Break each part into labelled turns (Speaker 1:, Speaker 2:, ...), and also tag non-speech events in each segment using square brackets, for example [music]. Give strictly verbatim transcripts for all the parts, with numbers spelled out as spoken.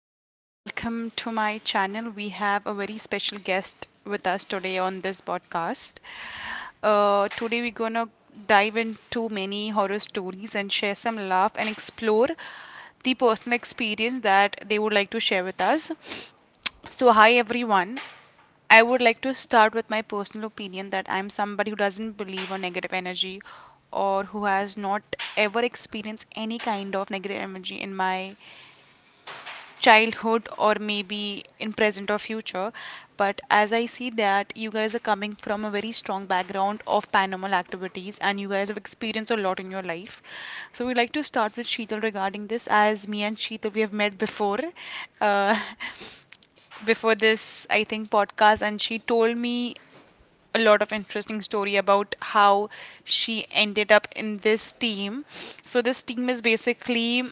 Speaker 1: Hello, guys, welcome to my channel. We have a very special guest with us today on this podcast. Uh, today, we're gonna dive into many horror stories and share some laugh and explore the personal experience that they would like to share with us. So, hi everyone. I would like to start with my personal opinion that I'm somebody who doesn't believe on negative energy or who has not ever experienced any kind of negative energy in my childhood or maybe in present or future, but as I see that you guys are coming from a very strong background of paranormal activities and you guys have experienced a lot in your life. So we'd like to start with Sheetal regarding this, as me and Sheetal, we have met before uh, [laughs] before this, I think, podcast, and she told me a lot of interesting story about how she ended up in this team. So this team is basically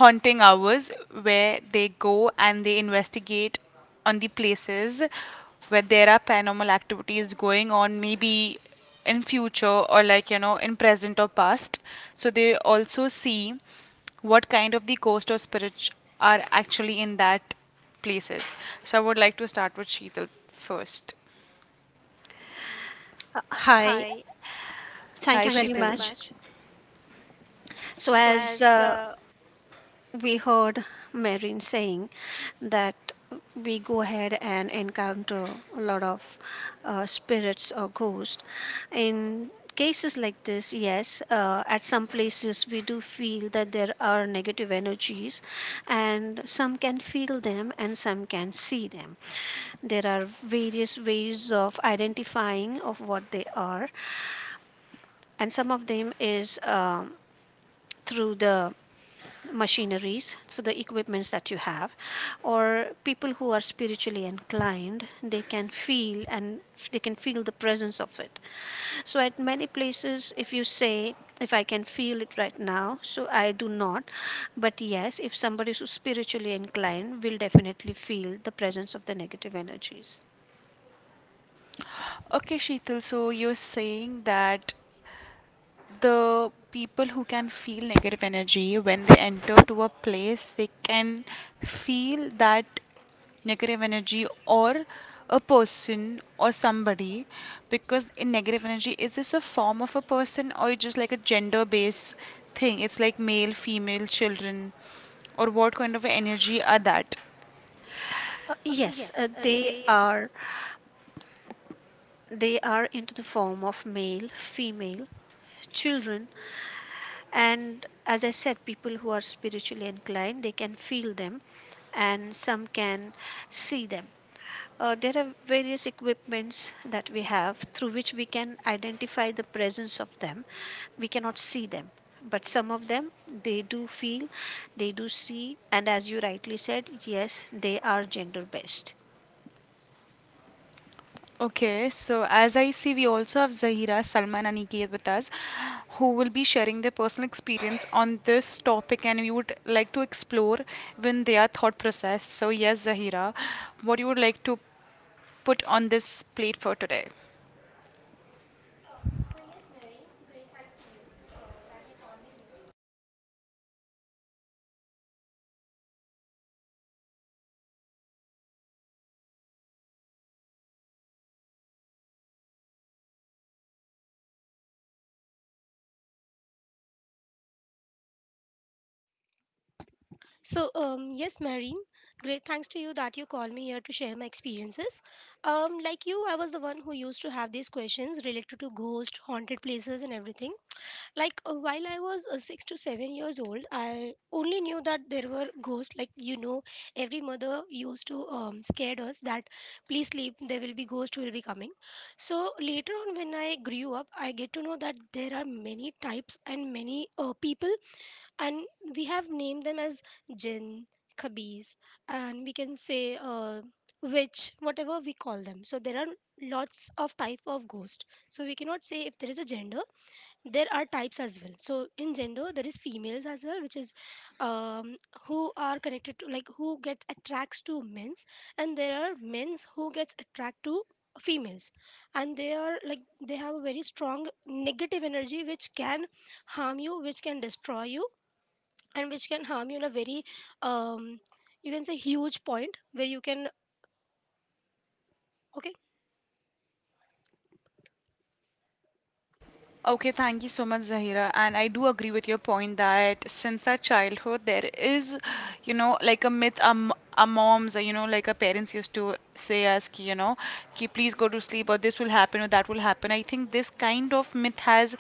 Speaker 1: haunting hours, where they go and they investigate on the places where there are paranormal activities going on, maybe in future or, like, you know, in present or past. So they also see what kind of the ghost or spirits are actually in that places. So I would like to start with Sheetal first.
Speaker 2: Hi, thank
Speaker 1: Hi,
Speaker 2: you very
Speaker 1: Sheetal.
Speaker 2: much. So, as uh, we heard Marin saying that we go ahead and encounter a lot of uh, spirits or ghosts. In cases like this, yes, uh, at some places we do feel that there are negative energies, and some can feel them and some can see them. There are various ways of identifying of what they are, and some of them is. Um, through the machineries, through the equipments that you have, or people who are spiritually inclined, they can feel and they can feel the presence of it. So at many places, if you say if I can feel it right now, so I do not. But yes, if somebody who's spiritually inclined will definitely feel the presence of the negative energies.
Speaker 1: Okay, Sheetal, so you're saying that the people who can feel negative energy, when they enter to a place they can feel that negative energy or a person or somebody. Because in negative energy, is this a form of a person or it's just like a gender based thing? It's like male, female, children, or what kind of energy are that?
Speaker 2: Uh, yes, uh, they are, they are into the form of male, female, children. And as I said, people who are spiritually inclined, they can feel them, and some can see them. Uh, there are various equipments that we have through which we can identify the presence of them. We cannot see them, but some of them, they do feel, they do see. And as you rightly said, yes, they are gender based.
Speaker 1: Okay, so as I see, we also have Zahira, Salman, and Niket with us, who will be sharing their personal experience on this topic, and we would like to explore even their thought process. So, yes, Zahira, what you would like to put on this plate for today?
Speaker 3: So, um, yes, Marine, great thanks to you that you called me here to share my experiences. Um, like you, I was the one who used to have these questions related to ghost, haunted places, and everything. Like, uh, while I was uh, six to seven years old, I only knew that there were ghosts. Like, you know, every mother used to um, scared us that please sleep, there will be ghosts who will be coming. So, later on, when I grew up, I get to know that there are many types and many uh, people and we have named them as jinn, khabis, and we can say, uh, witch, whatever we call them. So there are lots of type of ghost, so we cannot say if there is a gender. There are types as well. So in gender there is females as well, which is, um, who are connected to, like, who gets attracts to men's, and there are men's who gets attract to females, and they are like, they have a very strong negative energy which can harm you, which can destroy you, and which can harm you in a very, um, you can say, huge point where you can. Okay,
Speaker 1: Okay, thank you so much, Zahira. And I do agree with your point that since our childhood, there is, you know, like a myth, um, our moms, uh, you know, like our parents used to say us, ki, you know, ki, please go to sleep or this will happen or that will happen. I think this kind of myth has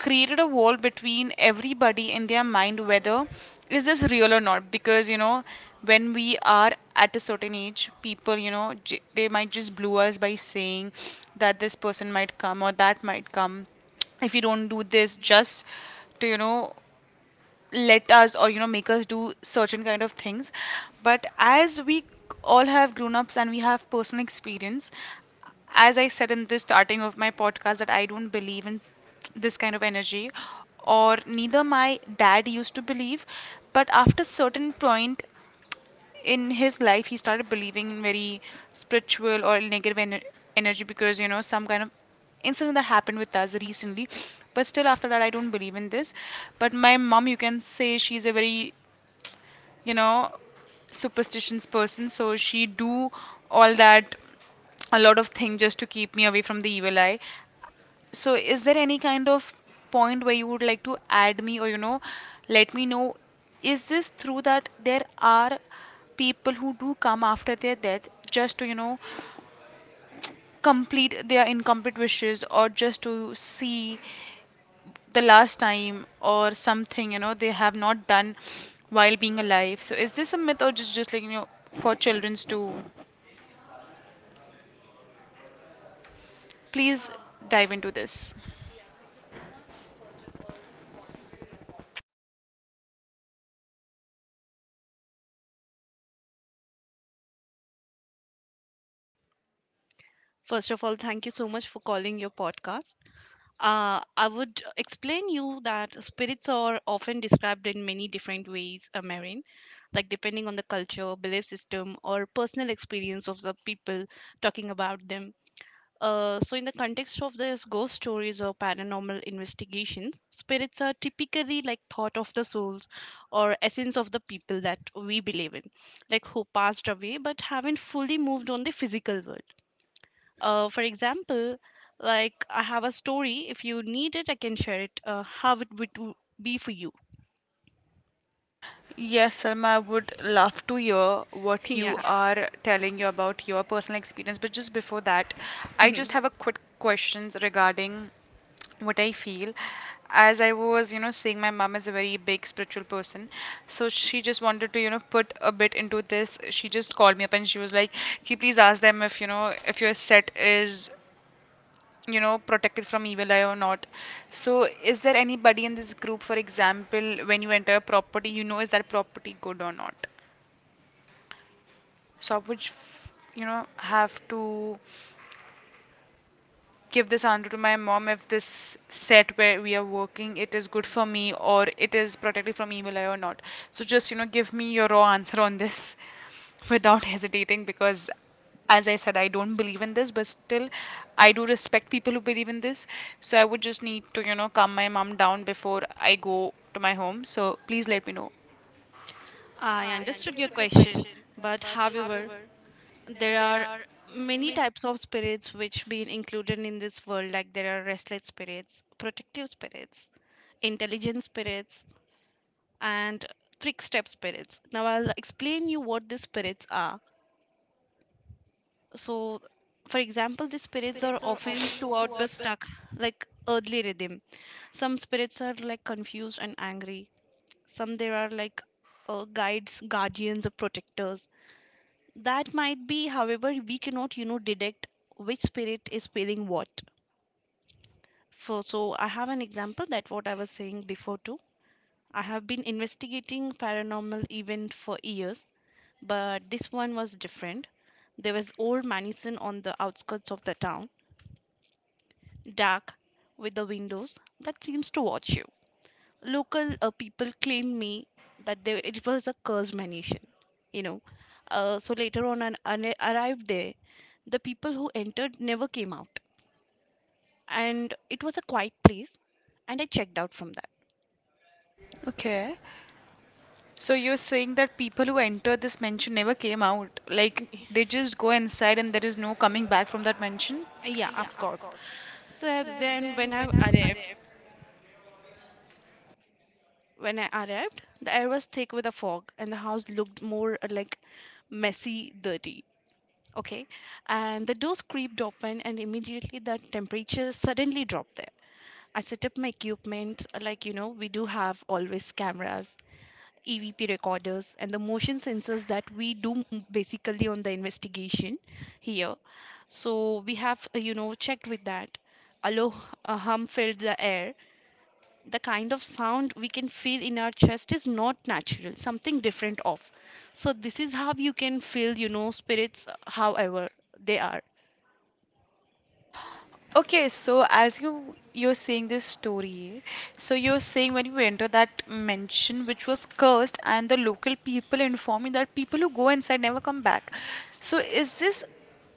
Speaker 1: created a wall between everybody in their mind whether is this real or not. Because, you know, when we are at a certain age, people, you know, j- they might just blue us by saying that this person might come or that might come if you don't do this, just to, you know, let us or, you know, make us do certain kind of things. But as we all have grown ups and we have personal experience, as I said in the starting of my podcast, that I don't believe in this kind of energy or neither my dad used to believe, but after certain point in his life he started believing in very spiritual or negative ener- energy because, you know, some kind of incident that happened with us recently. But still after that I don't believe in this. But my mom, you can say, she's a very, you know, superstitious person, so she do all that, a lot of things, just to keep me away from the evil eye. So, is there any kind of point where you would like to add me or, you know, let me know? Is this through that there are people who do come after their death just to, you know, complete their incomplete wishes or just to see the last time or something, you know, they have not done while being alive? So, is this a myth or just, just like, you know, for children's to please dive into this?
Speaker 4: First of all, thank you so much for calling your podcast. Uh, I would explain you that spirits are often described in many different ways, uh, Marin, like depending on the culture, belief system, or personal experience of the people talking about them. Uh, so, in the context of this ghost stories or paranormal investigations, spirits are typically like thought of the souls or essence of the people that we believe in, like who passed away but haven't fully moved on the physical world uh, for example, like I have a story. If you need it, I can share it. Uh, how it would do- be for you?
Speaker 1: Yes, Salma, I would love to hear
Speaker 4: [laughs]
Speaker 1: what you
Speaker 4: Yeah,
Speaker 1: are telling you about your personal experience. But just before that, I just
Speaker 4: [laughs]
Speaker 1: have a quick questions regarding what I feel. As I was, you know, seeing my mom is a very big spiritual person. So she just wanted to, you know, put a bit into this. She just called me up and she was like, can please ask them if, you know, if your set is, you know, protected from evil eye or not. So is there anybody in this group, for example, when you enter a property, you know, is that property good or not? So I would, f- you know, have to give this answer to my mom, if this set where we are working, it is good for me or it is protected from evil eye or not. So just, you know, give me your raw answer on this [laughs] without hesitating, because as I said, I don't believe in this, but still I do respect people who believe in this. So I would just need to, you know, calm my mom down before I go to my home, so please let me know.
Speaker 4: I understood your question, but however, there are many types of spirits which been included in this world like there are restless spirits, protective spirits, intelligent spirits and trickster spirits. Now I'll explain you what these spirits are. So, for example, the spirits are often too out but stuck, like earthly rhythm. Some spirits are like confused and angry. Some there are like uh, guides, guardians, or protectors. That might be, however, we cannot, you know, detect which spirit is feeling what. For so, I have an example that what I was saying before too. I have been investigating paranormal event for years, but this one was different. There was old medicine on the outskirts of the town dark with the windows that seems to watch you. Local uh, people claimed me that they, it was a cursed mansion, you know. Uh, so later on, an- when I arrived there, the people who entered never came out, and it was a quiet place, and I checked out from that.
Speaker 1: Okay, so you're saying that people who enter this mansion never came out, like
Speaker 4: Y-
Speaker 1: they just go inside and there is no coming back from that mansion.
Speaker 4: Yeah, of course. So then when I arrived, when I arrived, the air was thick with a fog and the house looked more uh, like messy, dirty. Okay, and the doors creaked open, and immediately the temperature suddenly dropped there. I set up my equipment, uh, like you know, we do have always cameras, E V P recorders, and the motion sensors that we do m- basically on the investigation here. So we have, uh, you know, checked with that. A low h- a hum filled the air. The kind of sound we can feel in our chest is not natural, something different off. So this is how you can feel, you know, spirits, uh, however they are.
Speaker 1: Okay, so as you, you're saying this story, so you're saying when you enter that mansion which was cursed, and the local people inform you that people who go inside never come back. So is this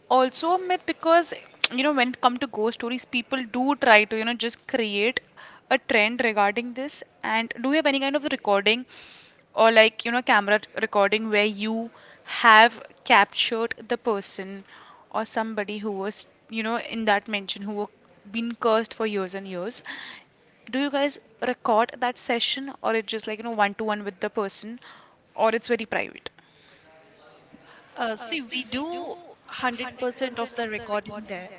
Speaker 1: also a myth? Because, you know, when it come to ghost stories, people do try to, you know, just create a trend regarding this. And do you have any kind of recording or, like, you know, camera recording where you have captured the person? Or somebody who was, you know, in that mention who were been cursed for years and years. Do you guys record that session or it's just like, you know, one to one with the person or it's very private?
Speaker 4: Uh, see, we do one hundred percent of the recording there.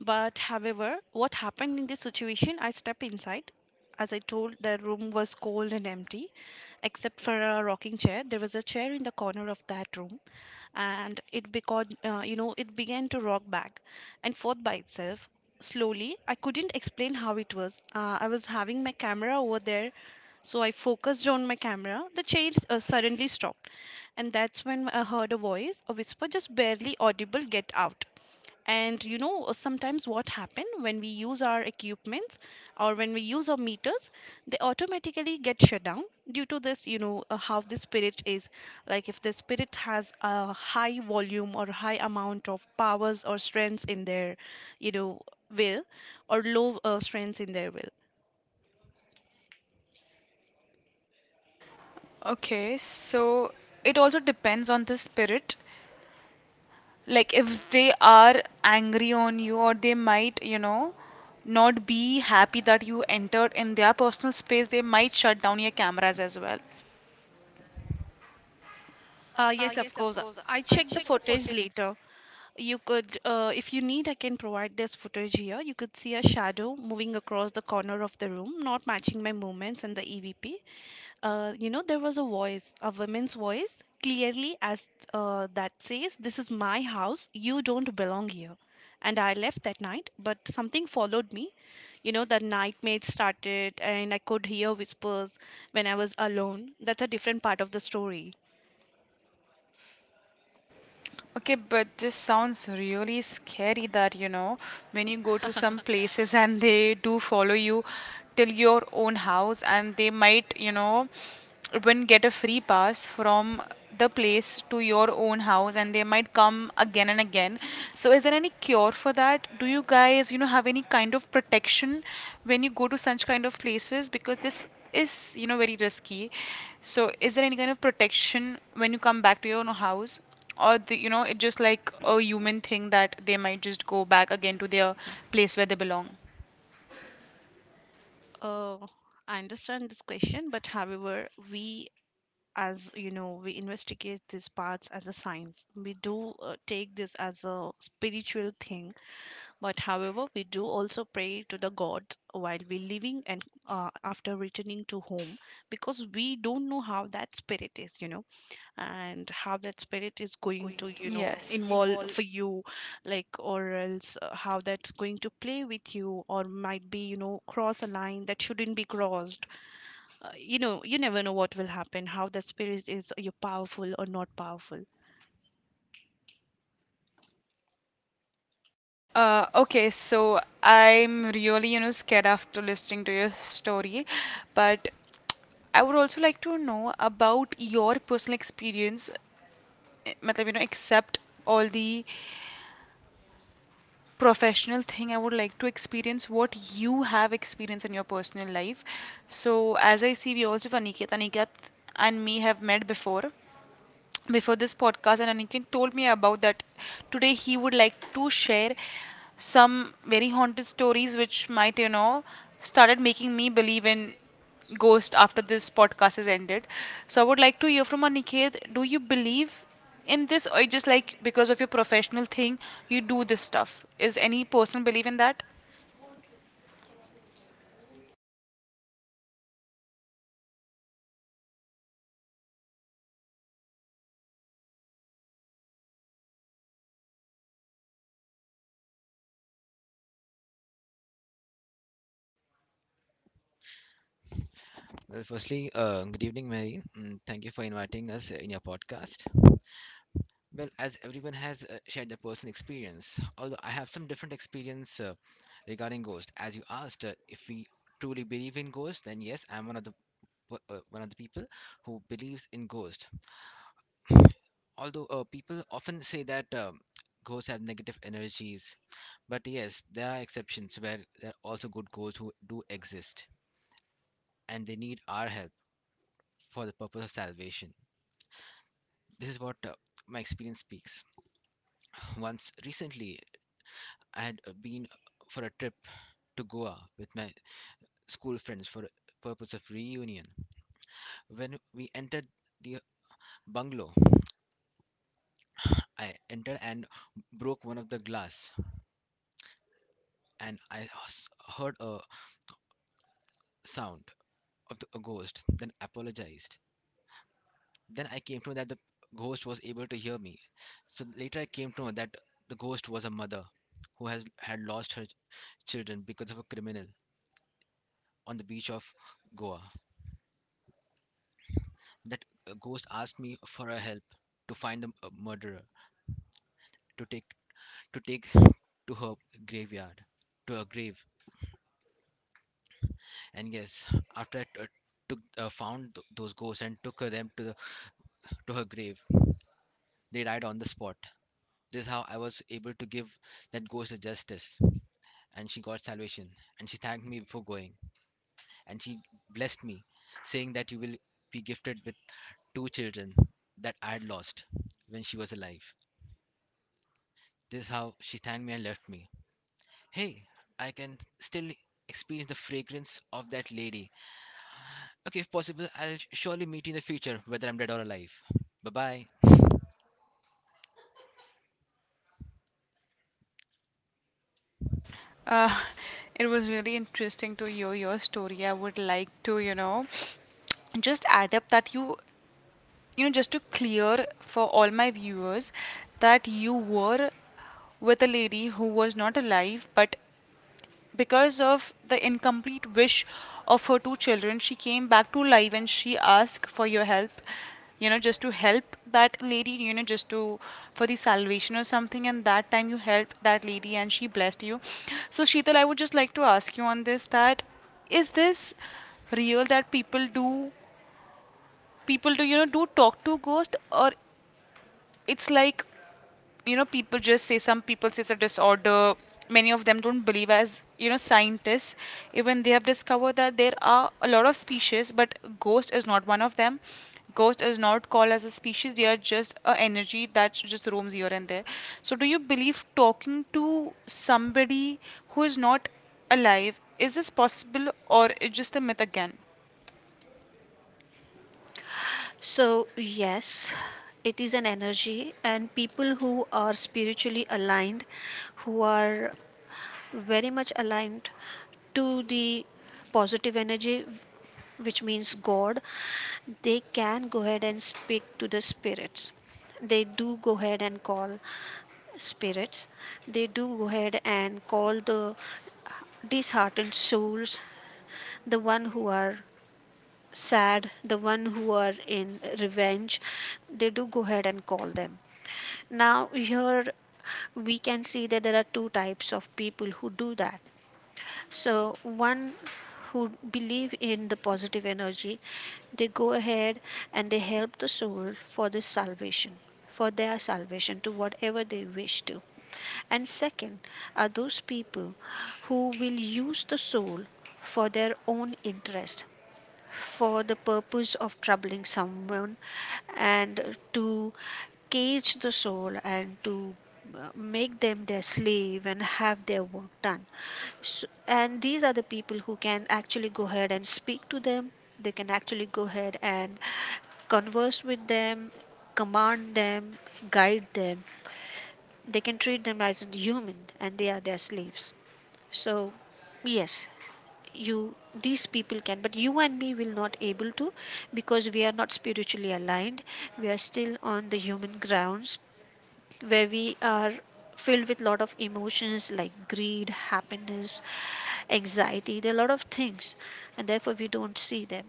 Speaker 4: But however, what happened in this situation, I stepped inside. As I told, the room was cold and empty, except for a rocking chair. There was a chair in the corner of that room, and it began, uh, you know, it began to rock back and forth by itself. Slowly, I couldn't explain how it was. Uh, I was having my camera over there, so I focused on my camera. The chair uh, suddenly stopped, and that's when I heard a voice, a whisper, just barely audible, "Get out." And you know, uh, sometimes what happen when we use our equipments or when we use our meters, they automatically get shut down due to this, you know, uh, how the spirit is, like if the spirit has a high volume or high amount of powers or strengths in their, you know, will, or low uh, strengths in their will.
Speaker 1: Okay, so it also depends on the spirit. Like if they are angry on you or they might, you know, not be happy that you entered in their personal space, they might shut down your cameras as well.
Speaker 4: Uh, yes, of course. I checked the footage later. You could, uh, if you need, I can provide this footage here. You could see a shadow moving across the corner of the room, not matching my movements and the E V P. Uh, you know, there was a voice, a woman's voice, clearly as uh, that says, "This is my house, you don't belong here." And I left that night, but something followed me. You know, the nightmares started, and I could hear whispers when I was alone. That's a different part of the story.
Speaker 1: Okay, but this sounds really scary that, you know, when you go to some places and they do follow you till your own house and they might, you know, even get a free pass from the place to your own house and they might come again and again. So is there any cure for that? Do you guys, you know, have any kind of protection when you go to such kind of places? Because this is, you know, very risky. So is there any kind of protection when you come back to your own house? Or the, you know, it's just like a human thing that they might just go back again to their place where they belong.
Speaker 4: Uh, I understand this question, but however, we, as you know, we investigate these parts as a science. We do uh, take this as a spiritual thing, but however, we do also pray to the God while we living, and uh, after returning to home, because we don't know how that spirit is, you know, and how that spirit is going to, you know,
Speaker 1: Yes.
Speaker 4: involve for you, like or else uh, how that's going to play with you, or might be, you know, cross a line that shouldn't be crossed. Uh, you know, you never know what will happen, how the spirit is, you powerful or not powerful.
Speaker 1: Uh, okay, so I'm really, you know, scared after listening to your story, but I would also like to know about your personal experience. Eh, matlab, you know, except all the professional thing, I would like to experience what you have experienced in your personal life. So, as I see, we also have Aniket. Aniket and me have met before, before this podcast, and Aniket told me about that today he would like to share some very haunted stories which might, you know, started making me believe in ghost after this podcast is ended. So I would like to hear from Aniket, do you believe in this or just like because of your professional thing you do this stuff? Is any person believe in that?
Speaker 5: Well, firstly, uh, good evening, Mary. Mm, thank you for inviting us uh, in your podcast. Well, as everyone has uh, shared their personal experience, although I have some different experience uh, regarding ghost. As you asked, uh, if we truly believe in ghosts, then yes, I'm one of the p- uh, one of the people who believes in ghost. Although uh, people often say that um ghosts have negative energies, but yes, there are exceptions where there are also good ghosts who do exist, and they need our help for the purpose of salvation. This is what uh, my experience speaks. Once recently, I had uh, been for a trip to Goa with my school friends for purpose of reunion. When we entered the bungalow, I entered and broke one of the glass, and I s- heard a sound of the, a ghost. Then apologized. Then I came to know that the ghost was able to hear me. So later I came to know that the ghost was a mother who has had lost her ch- children because of a criminal on the beach of Goa. That uh, ghost asked me for a help to find the m- uh, murderer, to take to take to her graveyard, to her grave. And yes, after I t- uh, took uh, found th- those ghosts and took her them to the to her grave, they died on the spot. This is how I was able to give that ghost a justice, and she got salvation. And she thanked me for going, and she blessed me, saying that you will be gifted with two children that I had lost when she was alive. This is how she thanked me and left me. Hey, I can still experience the fragrance of that lady. Okay, if possible, I'll surely meet you in the future, whether I'm dead or alive. Bye bye.
Speaker 1: Uh, it was really interesting to hear your story. I would like to, you know, just add up that you you know, just to clear for all my viewers, that you were with a lady who was not alive, but because of the incomplete wish of her two children, she came back to life and she asked for your help, you know, just to help that lady, you know, just to, for the salvation or something. And that time you helped that lady and she blessed you. So, Sheetal, I would just like to ask you on this, that is this real that people do, people do, you know, do talk to ghost? Or it's like, you know, people just say, some people say it's a disorder. Many of them don't believe, as you know, scientists, even they have discovered that there are a lot of species, but ghost is not one of them. Ghost is not called as a species, they are just a energy that just roams here and there. So do you believe talking to somebody who is not alive, is this possible or is just a myth again?
Speaker 2: So yes, it is an energy, and people who are spiritually aligned, who are very much aligned to the positive energy, which means God, they can go ahead and speak to the spirits. They do go ahead and call spirits. They do go ahead and call the disheartened souls, the one who are sad, the one who are in revenge. They do go ahead and call them. Now, here we can see that there are two types of people who do that. So one, who believe in the positive energy, they go ahead and they help the soul for this salvation, for their salvation, to whatever they wish to. And second are those people who will use the soul for their own interest, for the purpose of troubling someone, and to cage the soul, and to uh, make them their slave and have their work done. So, and these are the people who can actually go ahead and speak to them. They can actually go ahead and converse with them, command them, guide them. They can treat them as a human, and they are their slaves. So yes, you these people can, but you and me will not able to, because we are not spiritually aligned. We are still on the human grounds, where we are filled with lot of emotions like greed, happiness, anxiety. There are a lot of things, and therefore we don't see them.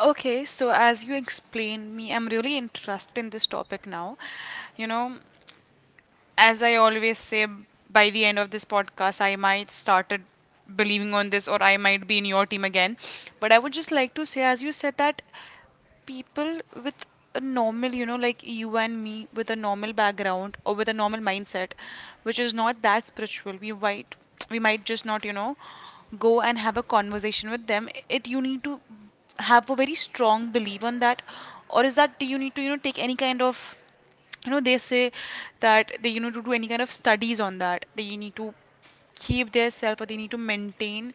Speaker 1: Okay, so as you explained me, I'm really interested in this topic now, you know. As I always say, by the end of this podcast, I might started believing on this, or I might be in your team again. But I would just like to say, as you said, that people with a normal, you know, like you and me, with a normal background or with a normal mindset, which is not that spiritual, we might we might just not, you know, go and have a conversation with them. It you need to have a very strong belief on that, or is that you need to you know take any kind of you know they say that they, you know to do any kind of studies on that, they need to keep their self or they need to maintain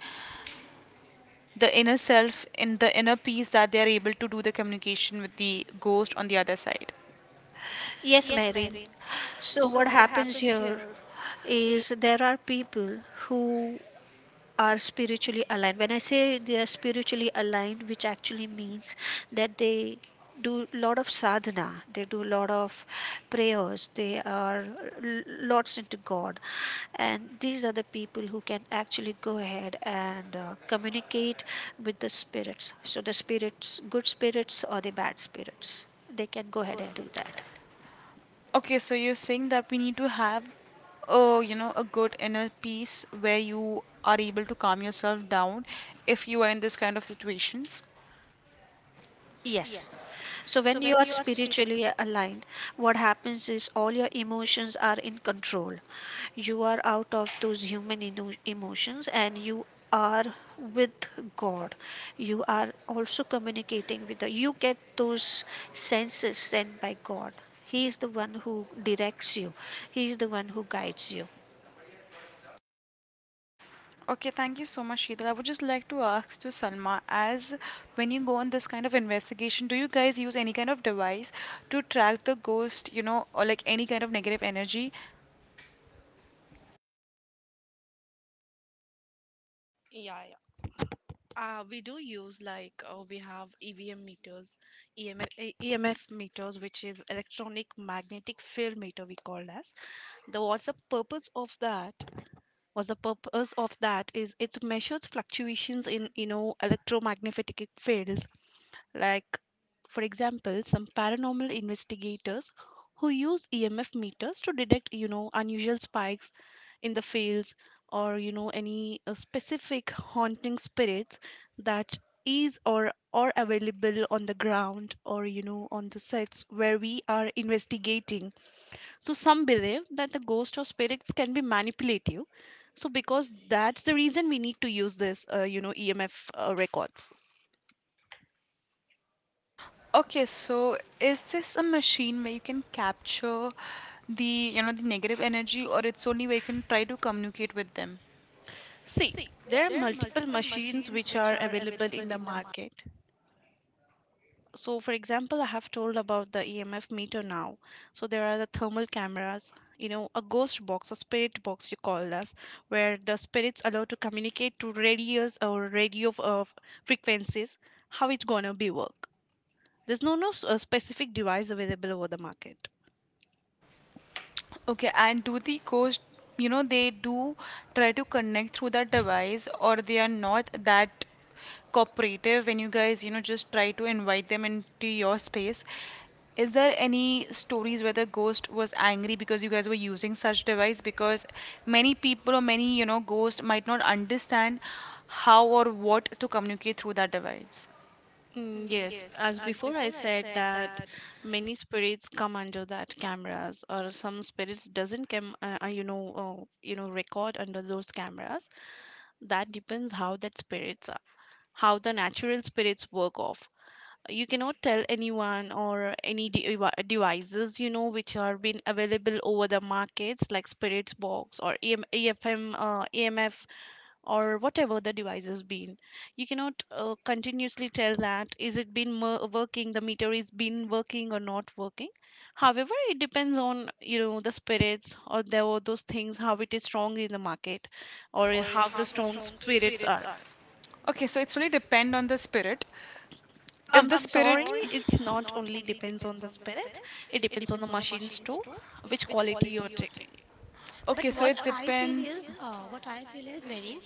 Speaker 1: the inner self in the inner peace, that they are able to do the communication with the ghost on the other side.
Speaker 2: Yes, Marine. So what happens here is there are people who are spiritually aligned. When I say they are spiritually aligned, which actually means that they do lot of sadhana, they do lot of prayers, they are l- lots into God, and these are the people who can actually go ahead and uh, communicate with the spirits. So the spirits, good spirits or the bad spirits, they can go ahead and do that.
Speaker 1: Okay, so you're saying that we need to have a, you know a good inner peace where you are able to calm yourself down if you are in this kind of situations.
Speaker 2: Yes. So when you are spiritually aligned, what happens is all your emotions are in control. You are out of those human eno- emotions and you are with God. You are also communicating with the you get those senses sent by God. He is the one who directs you. He is the one who guides you.
Speaker 1: Okay, thank you so much, Sheetal. I would just like to ask to Salma, as when you go on this kind of investigation, do you guys use any kind of device to track the ghost, you know, or like any kind of negative energy?
Speaker 4: Yeah, yeah. Uh, We do use like uh, we have E V M meters, E M F, e- EMF meters, which is electronic magnetic field meter we call as. The what's the purpose of that? What's the purpose of that is it measures fluctuations in, you know, electromagnetic fields. Like for example, some paranormal investigators who use E M F meters to detect, you know, unusual spikes in the fields, or you know, any uh, specific haunting spirits that is or are available on the ground, or you know, on the sets where we are investigating. So some believe that the ghost or spirits can be manipulative, so because that's the reason we need to use this, uh, you know, E M F uh, records.
Speaker 1: Okay, so is this a machine where you can capture the, you know, the negative energy, or it's only where you can try to communicate with them?
Speaker 4: See, there are multiple machines which are available in the market. So, for example, I have told about the E M F meter now. So, there are the thermal cameras, you know, a ghost box, a spirit box, you call us, where the spirits allowed to communicate to radios or radio uh, frequencies. How it's gonna be work? There's no no s- uh, specific device available over the market.
Speaker 1: Okay, and do the ghost, you know, they do try to connect through that device, or they are not that cooperative when you guys, you know, just try to invite them into your space? Is there any stories where the ghost was angry because you guys were using such device? Because many people or many, you know, ghosts might not understand how or what to communicate through that device.
Speaker 4: Mm, yes, as before I said that many spirits come under that cameras, or some spirits doesn't come, uh, uh, you know, uh, you know, record under those cameras. That depends how that spirits are, how the natural spirits work off. You cannot tell anyone or any devi devices, you know, which are being available over the markets like spirits box or E M, E F M, uh, E M F, or whatever the device has been, you cannot uh, continuously tell that is it been mer- working, the meter is been working or not working. However, it depends on, you know, the spirits, or there were those things how it is strong in the market, or how the strong spirits are.
Speaker 1: Okay, so it's really depend on the spirit. If
Speaker 4: I'm
Speaker 1: the I'm so
Speaker 4: sorry,
Speaker 1: spirit.
Speaker 4: it's not only depends on the spirits, it depends on the machines too, which quality you're taking.
Speaker 1: Okay,
Speaker 3: but
Speaker 1: so
Speaker 3: what
Speaker 1: it
Speaker 3: I feel
Speaker 1: depends.
Speaker 3: is uh, what I feel is marine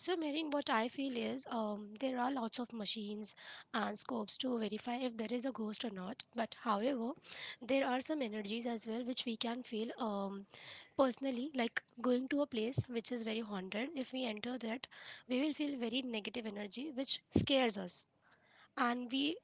Speaker 3: so Marine, what i feel is um, there are lots of machines and scopes to verify if there is a ghost or not. But however, there are some energies as well which we can feel, um, personally, like going to a place which is very haunted. If we enter that, we will feel very negative energy which scares us, and we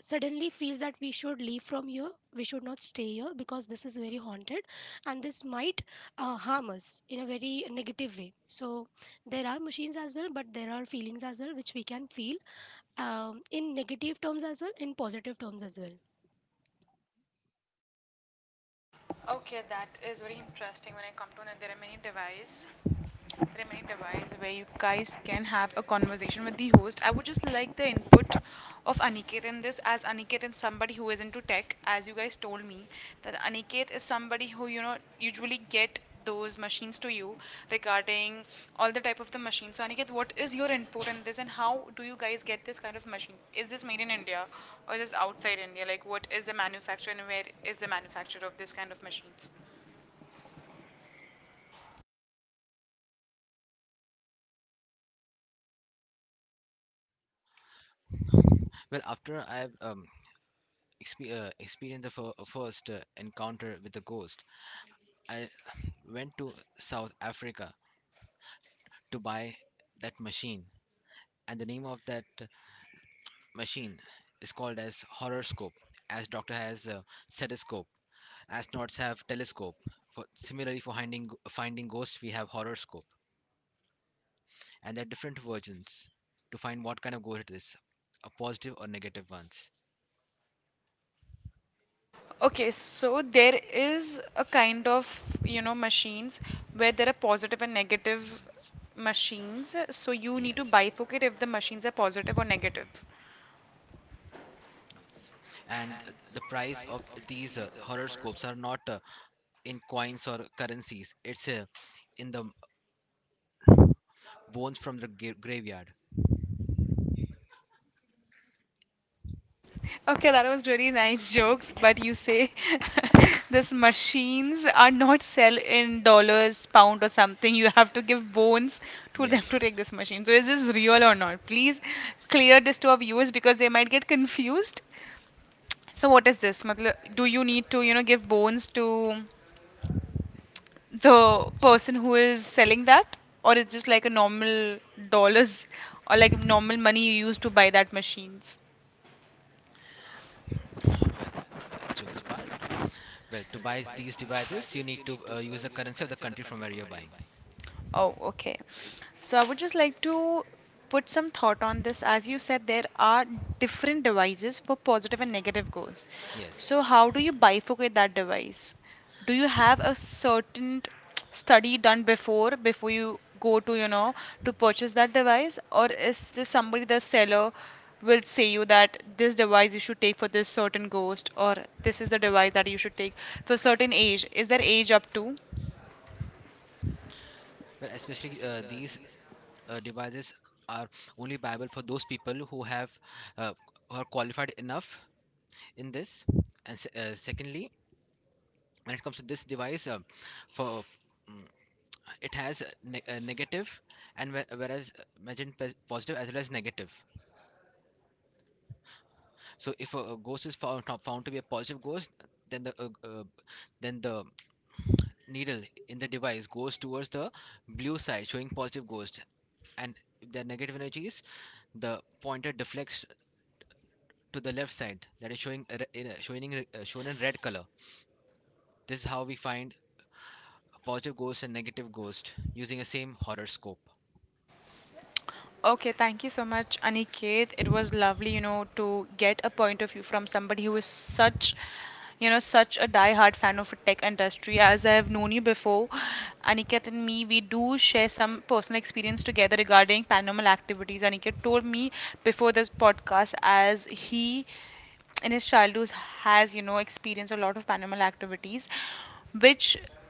Speaker 3: suddenly feels that we should leave from here, we should not stay here because this is very haunted, and this might uh, harm us in a very negative way. So there are machines as well, but there are feelings as well which we can feel, um, in negative terms as well, in positive terms as well.
Speaker 1: Okay, that is very interesting. When I come to know, there are many devices remaining device where you guys can have a conversation with the host. I would just like the input of Aniket in this, as Aniket is somebody who is into tech, as you guys told me that Aniket is somebody who, you know usually get those machines to you regarding all the type of the machines. So Aniket, what is your input in this, and how do you guys get this kind of machine? Is this made in India or is this outside India? Like, what is the manufacturer, and where is the manufacturer of this kind of machines?
Speaker 5: Well, after I've um, expe- uh, experienced the fir- uh, first uh, encounter with the ghost, I [sighs] went to South Africa to buy that machine. And the name of that uh, machine is called as horoscope, as doctor has a stethoscope, astronauts have telescope. For, similarly, for finding finding ghosts, we have horoscope, and there are different versions to find what kind of ghost it is, a positive or negative ones.
Speaker 1: Okay, so there is a kind of, you know, machines where there are positive and negative
Speaker 5: Yes,
Speaker 1: machines. So you need to
Speaker 5: yes,
Speaker 1: bifurcate if the machines are positive or negative.
Speaker 5: yes. And uh, the price of these uh, horoscopes are not uh, in coins or currencies. It's uh, in the bones from the gra- graveyard.
Speaker 1: Okay, that was really nice jokes, but you say [laughs] this machines are not sell in dollars, pound or something. You have to give bones to them to
Speaker 5: Yes.
Speaker 1: take this machine. So is this real or not? Please clear this to our viewers because they might get confused. So what is this? Matlab, do you need to, you know, give bones to the person who is selling that, or it's just like a normal dollars or like normal money you use to buy that machines?
Speaker 5: Well, uh, jokes apart. Well, to buy these devices, you need to uh, use the currency of the country from where you're buying.
Speaker 1: Oh, okay. So I would just like to put some thought on this. As you said, there are different devices for positive and
Speaker 5: Yeah.
Speaker 1: negative goals.
Speaker 5: Yes.
Speaker 1: So how do you bifurcate that device? Do you have a certain study done before before you go to, you know, to purchase that device? Or is this somebody, the seller, will say you that this device you should take for this certain ghost, or this is the device that you should take for certain age? Is there age up to?
Speaker 5: Well, especially uh, these uh, devices are only viable for those people who have uh, who are qualified enough in this. And se- uh, secondly, when it comes to this device, uh, for mm, it has a ne- a negative and whe- whereas uh, imagine pos- positive as well as negative. So if a, a ghost is found found to be a positive ghost, then the uh, uh, then the needle in the device goes towards the blue side, showing positive ghost, and if there are negative energies, the pointer deflects to the left side, that is showing a in a- showing uh, shown in red color. This is how we find positive ghost and negative ghost using a same horoscope.
Speaker 1: Okay, thank you so much, Aniket. It was lovely, you know, to get a point of view from somebody who is such, you know, such a die-hard fan of the tech industry. As I have known you before, Aniket and me, we do share some personal experience together regarding paranormal activities. Aniket told me before this podcast as he, in his childhood, has you know experienced a lot of paranormal activities, which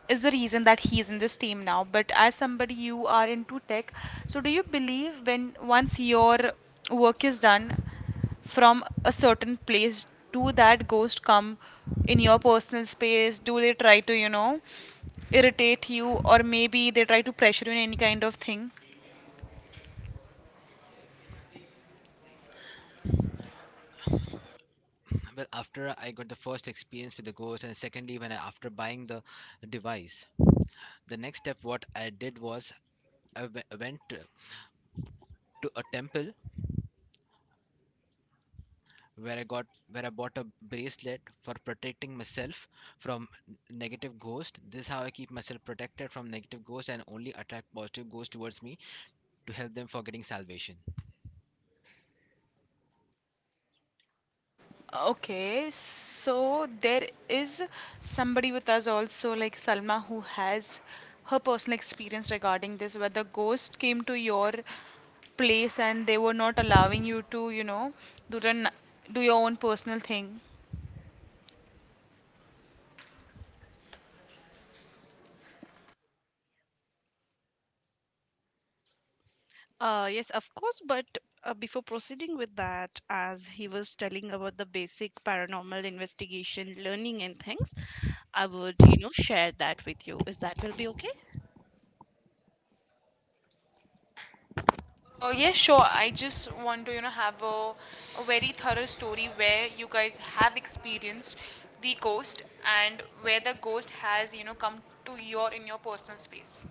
Speaker 1: is the reason that he is in this team now. But as somebody you are into tech, so do you believe when once your work is done from a certain place, do that ghost come in your personal space, do they try to, you know, irritate you, or maybe they try to pressure you in any kind of thing?
Speaker 5: Well, after I got the first experience with the ghost, and secondly, when I, after buying the device, the next step what I did was I went to a temple where I got where I bought a bracelet for protecting myself from n- negative ghosts. This is how I keep myself protected from negative ghosts and only attract positive ghosts towards me to help them for getting salvation.
Speaker 1: Okay, so there is somebody with us also, like Salma, who has her personal experience regarding this, where the ghost came to your place and they were not allowing you to, you know, to run, do your own personal thing.
Speaker 4: Uh, yes, of course, but uh, before proceeding with that, as he was telling about the basic paranormal investigation, learning, and things, I would, you know, share that with you. Is that will be okay?
Speaker 1: Uh, yeah, sure. I just want to, you know, have a, a very thorough story where you guys have experienced the ghost and where the ghost has, you know, come to your in your personal space.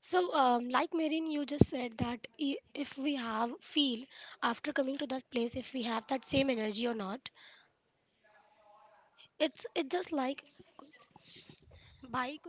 Speaker 3: So, um, like Marine, you just said that i- if we have feel after coming to that place, if we have that same energy or not. It's it's just like bike.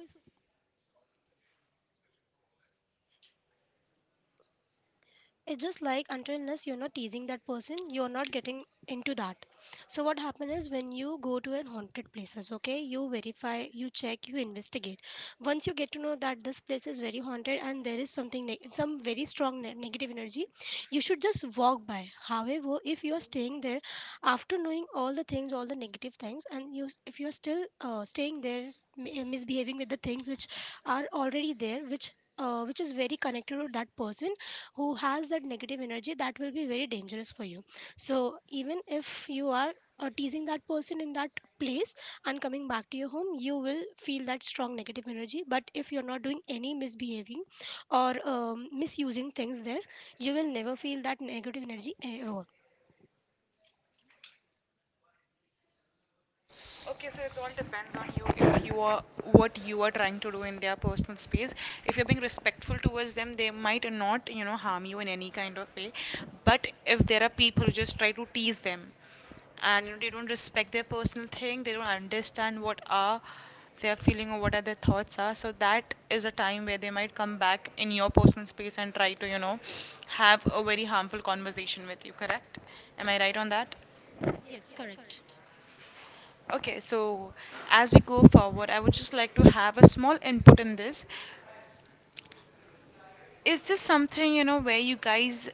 Speaker 3: It's just like, until unless you're not teasing that person, you're not getting into that. So what happens is, when you go to an haunted places, okay, you verify, you check, you investigate. Once you get to know that this place is very haunted and there is something neg some very strong ne- negative energy, you should just walk by. However, if you are staying there after knowing all the things, all the negative things, and you, if you are still uh, staying there, mi- uh, misbehaving with the things which are already there, which uh, which is very connected to that person who has that negative energy, that will be very dangerous for you. So even if you are uh, teasing that person in that place and coming back to your home, you will feel that strong negative energy. But if you're not doing any misbehaving or um, misusing things there, you will never feel that negative energy ever.
Speaker 1: Okay, so it's all depends on you. If you are what you are trying to do in their personal space, if you're being respectful towards them, they might not, you know, harm you in any kind of way. But if there are people who just try to tease them, and you know, they don't respect their personal thing, they don't understand what are their feeling or what are their thoughts are. So that is a time where they might come back in your personal space and try to, you know, have a very harmful conversation with you. Correct? Am I right on that?
Speaker 3: Yes, correct.
Speaker 1: Okay, so as we go forward, I would just like to have a small input in this. Is this something, you know, where you guys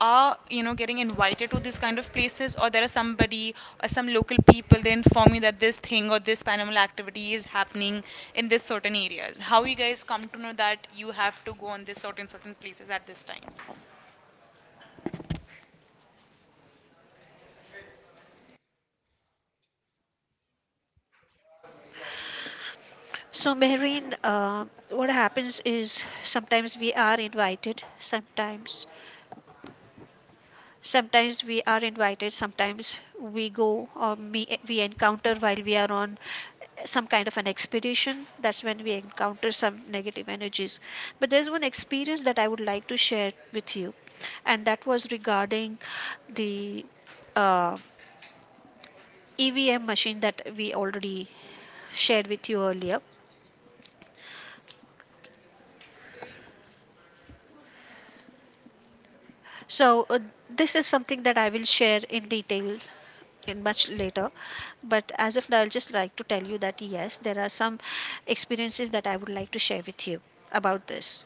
Speaker 1: are, you know, getting invited to these kind of places, or there are somebody or some local people they inform you that this thing or this paranormal activity is happening in this certain areas? How you guys come to know that you have to go on this certain certain places at this time?
Speaker 2: So, Mehreen, uh, what happens is sometimes we are invited, sometimes sometimes we are invited, sometimes we go, or we we encounter while we are on some kind of an expedition. That's when we encounter some negative energies. But there's one experience that I would like to share with you, and that was regarding the uh, EVM machine that we already shared with you earlier. So, uh, this is something that I will share in detail in much later. But as of now, I'll just like to tell you that yes, there are some experiences that I would like to share with you about this.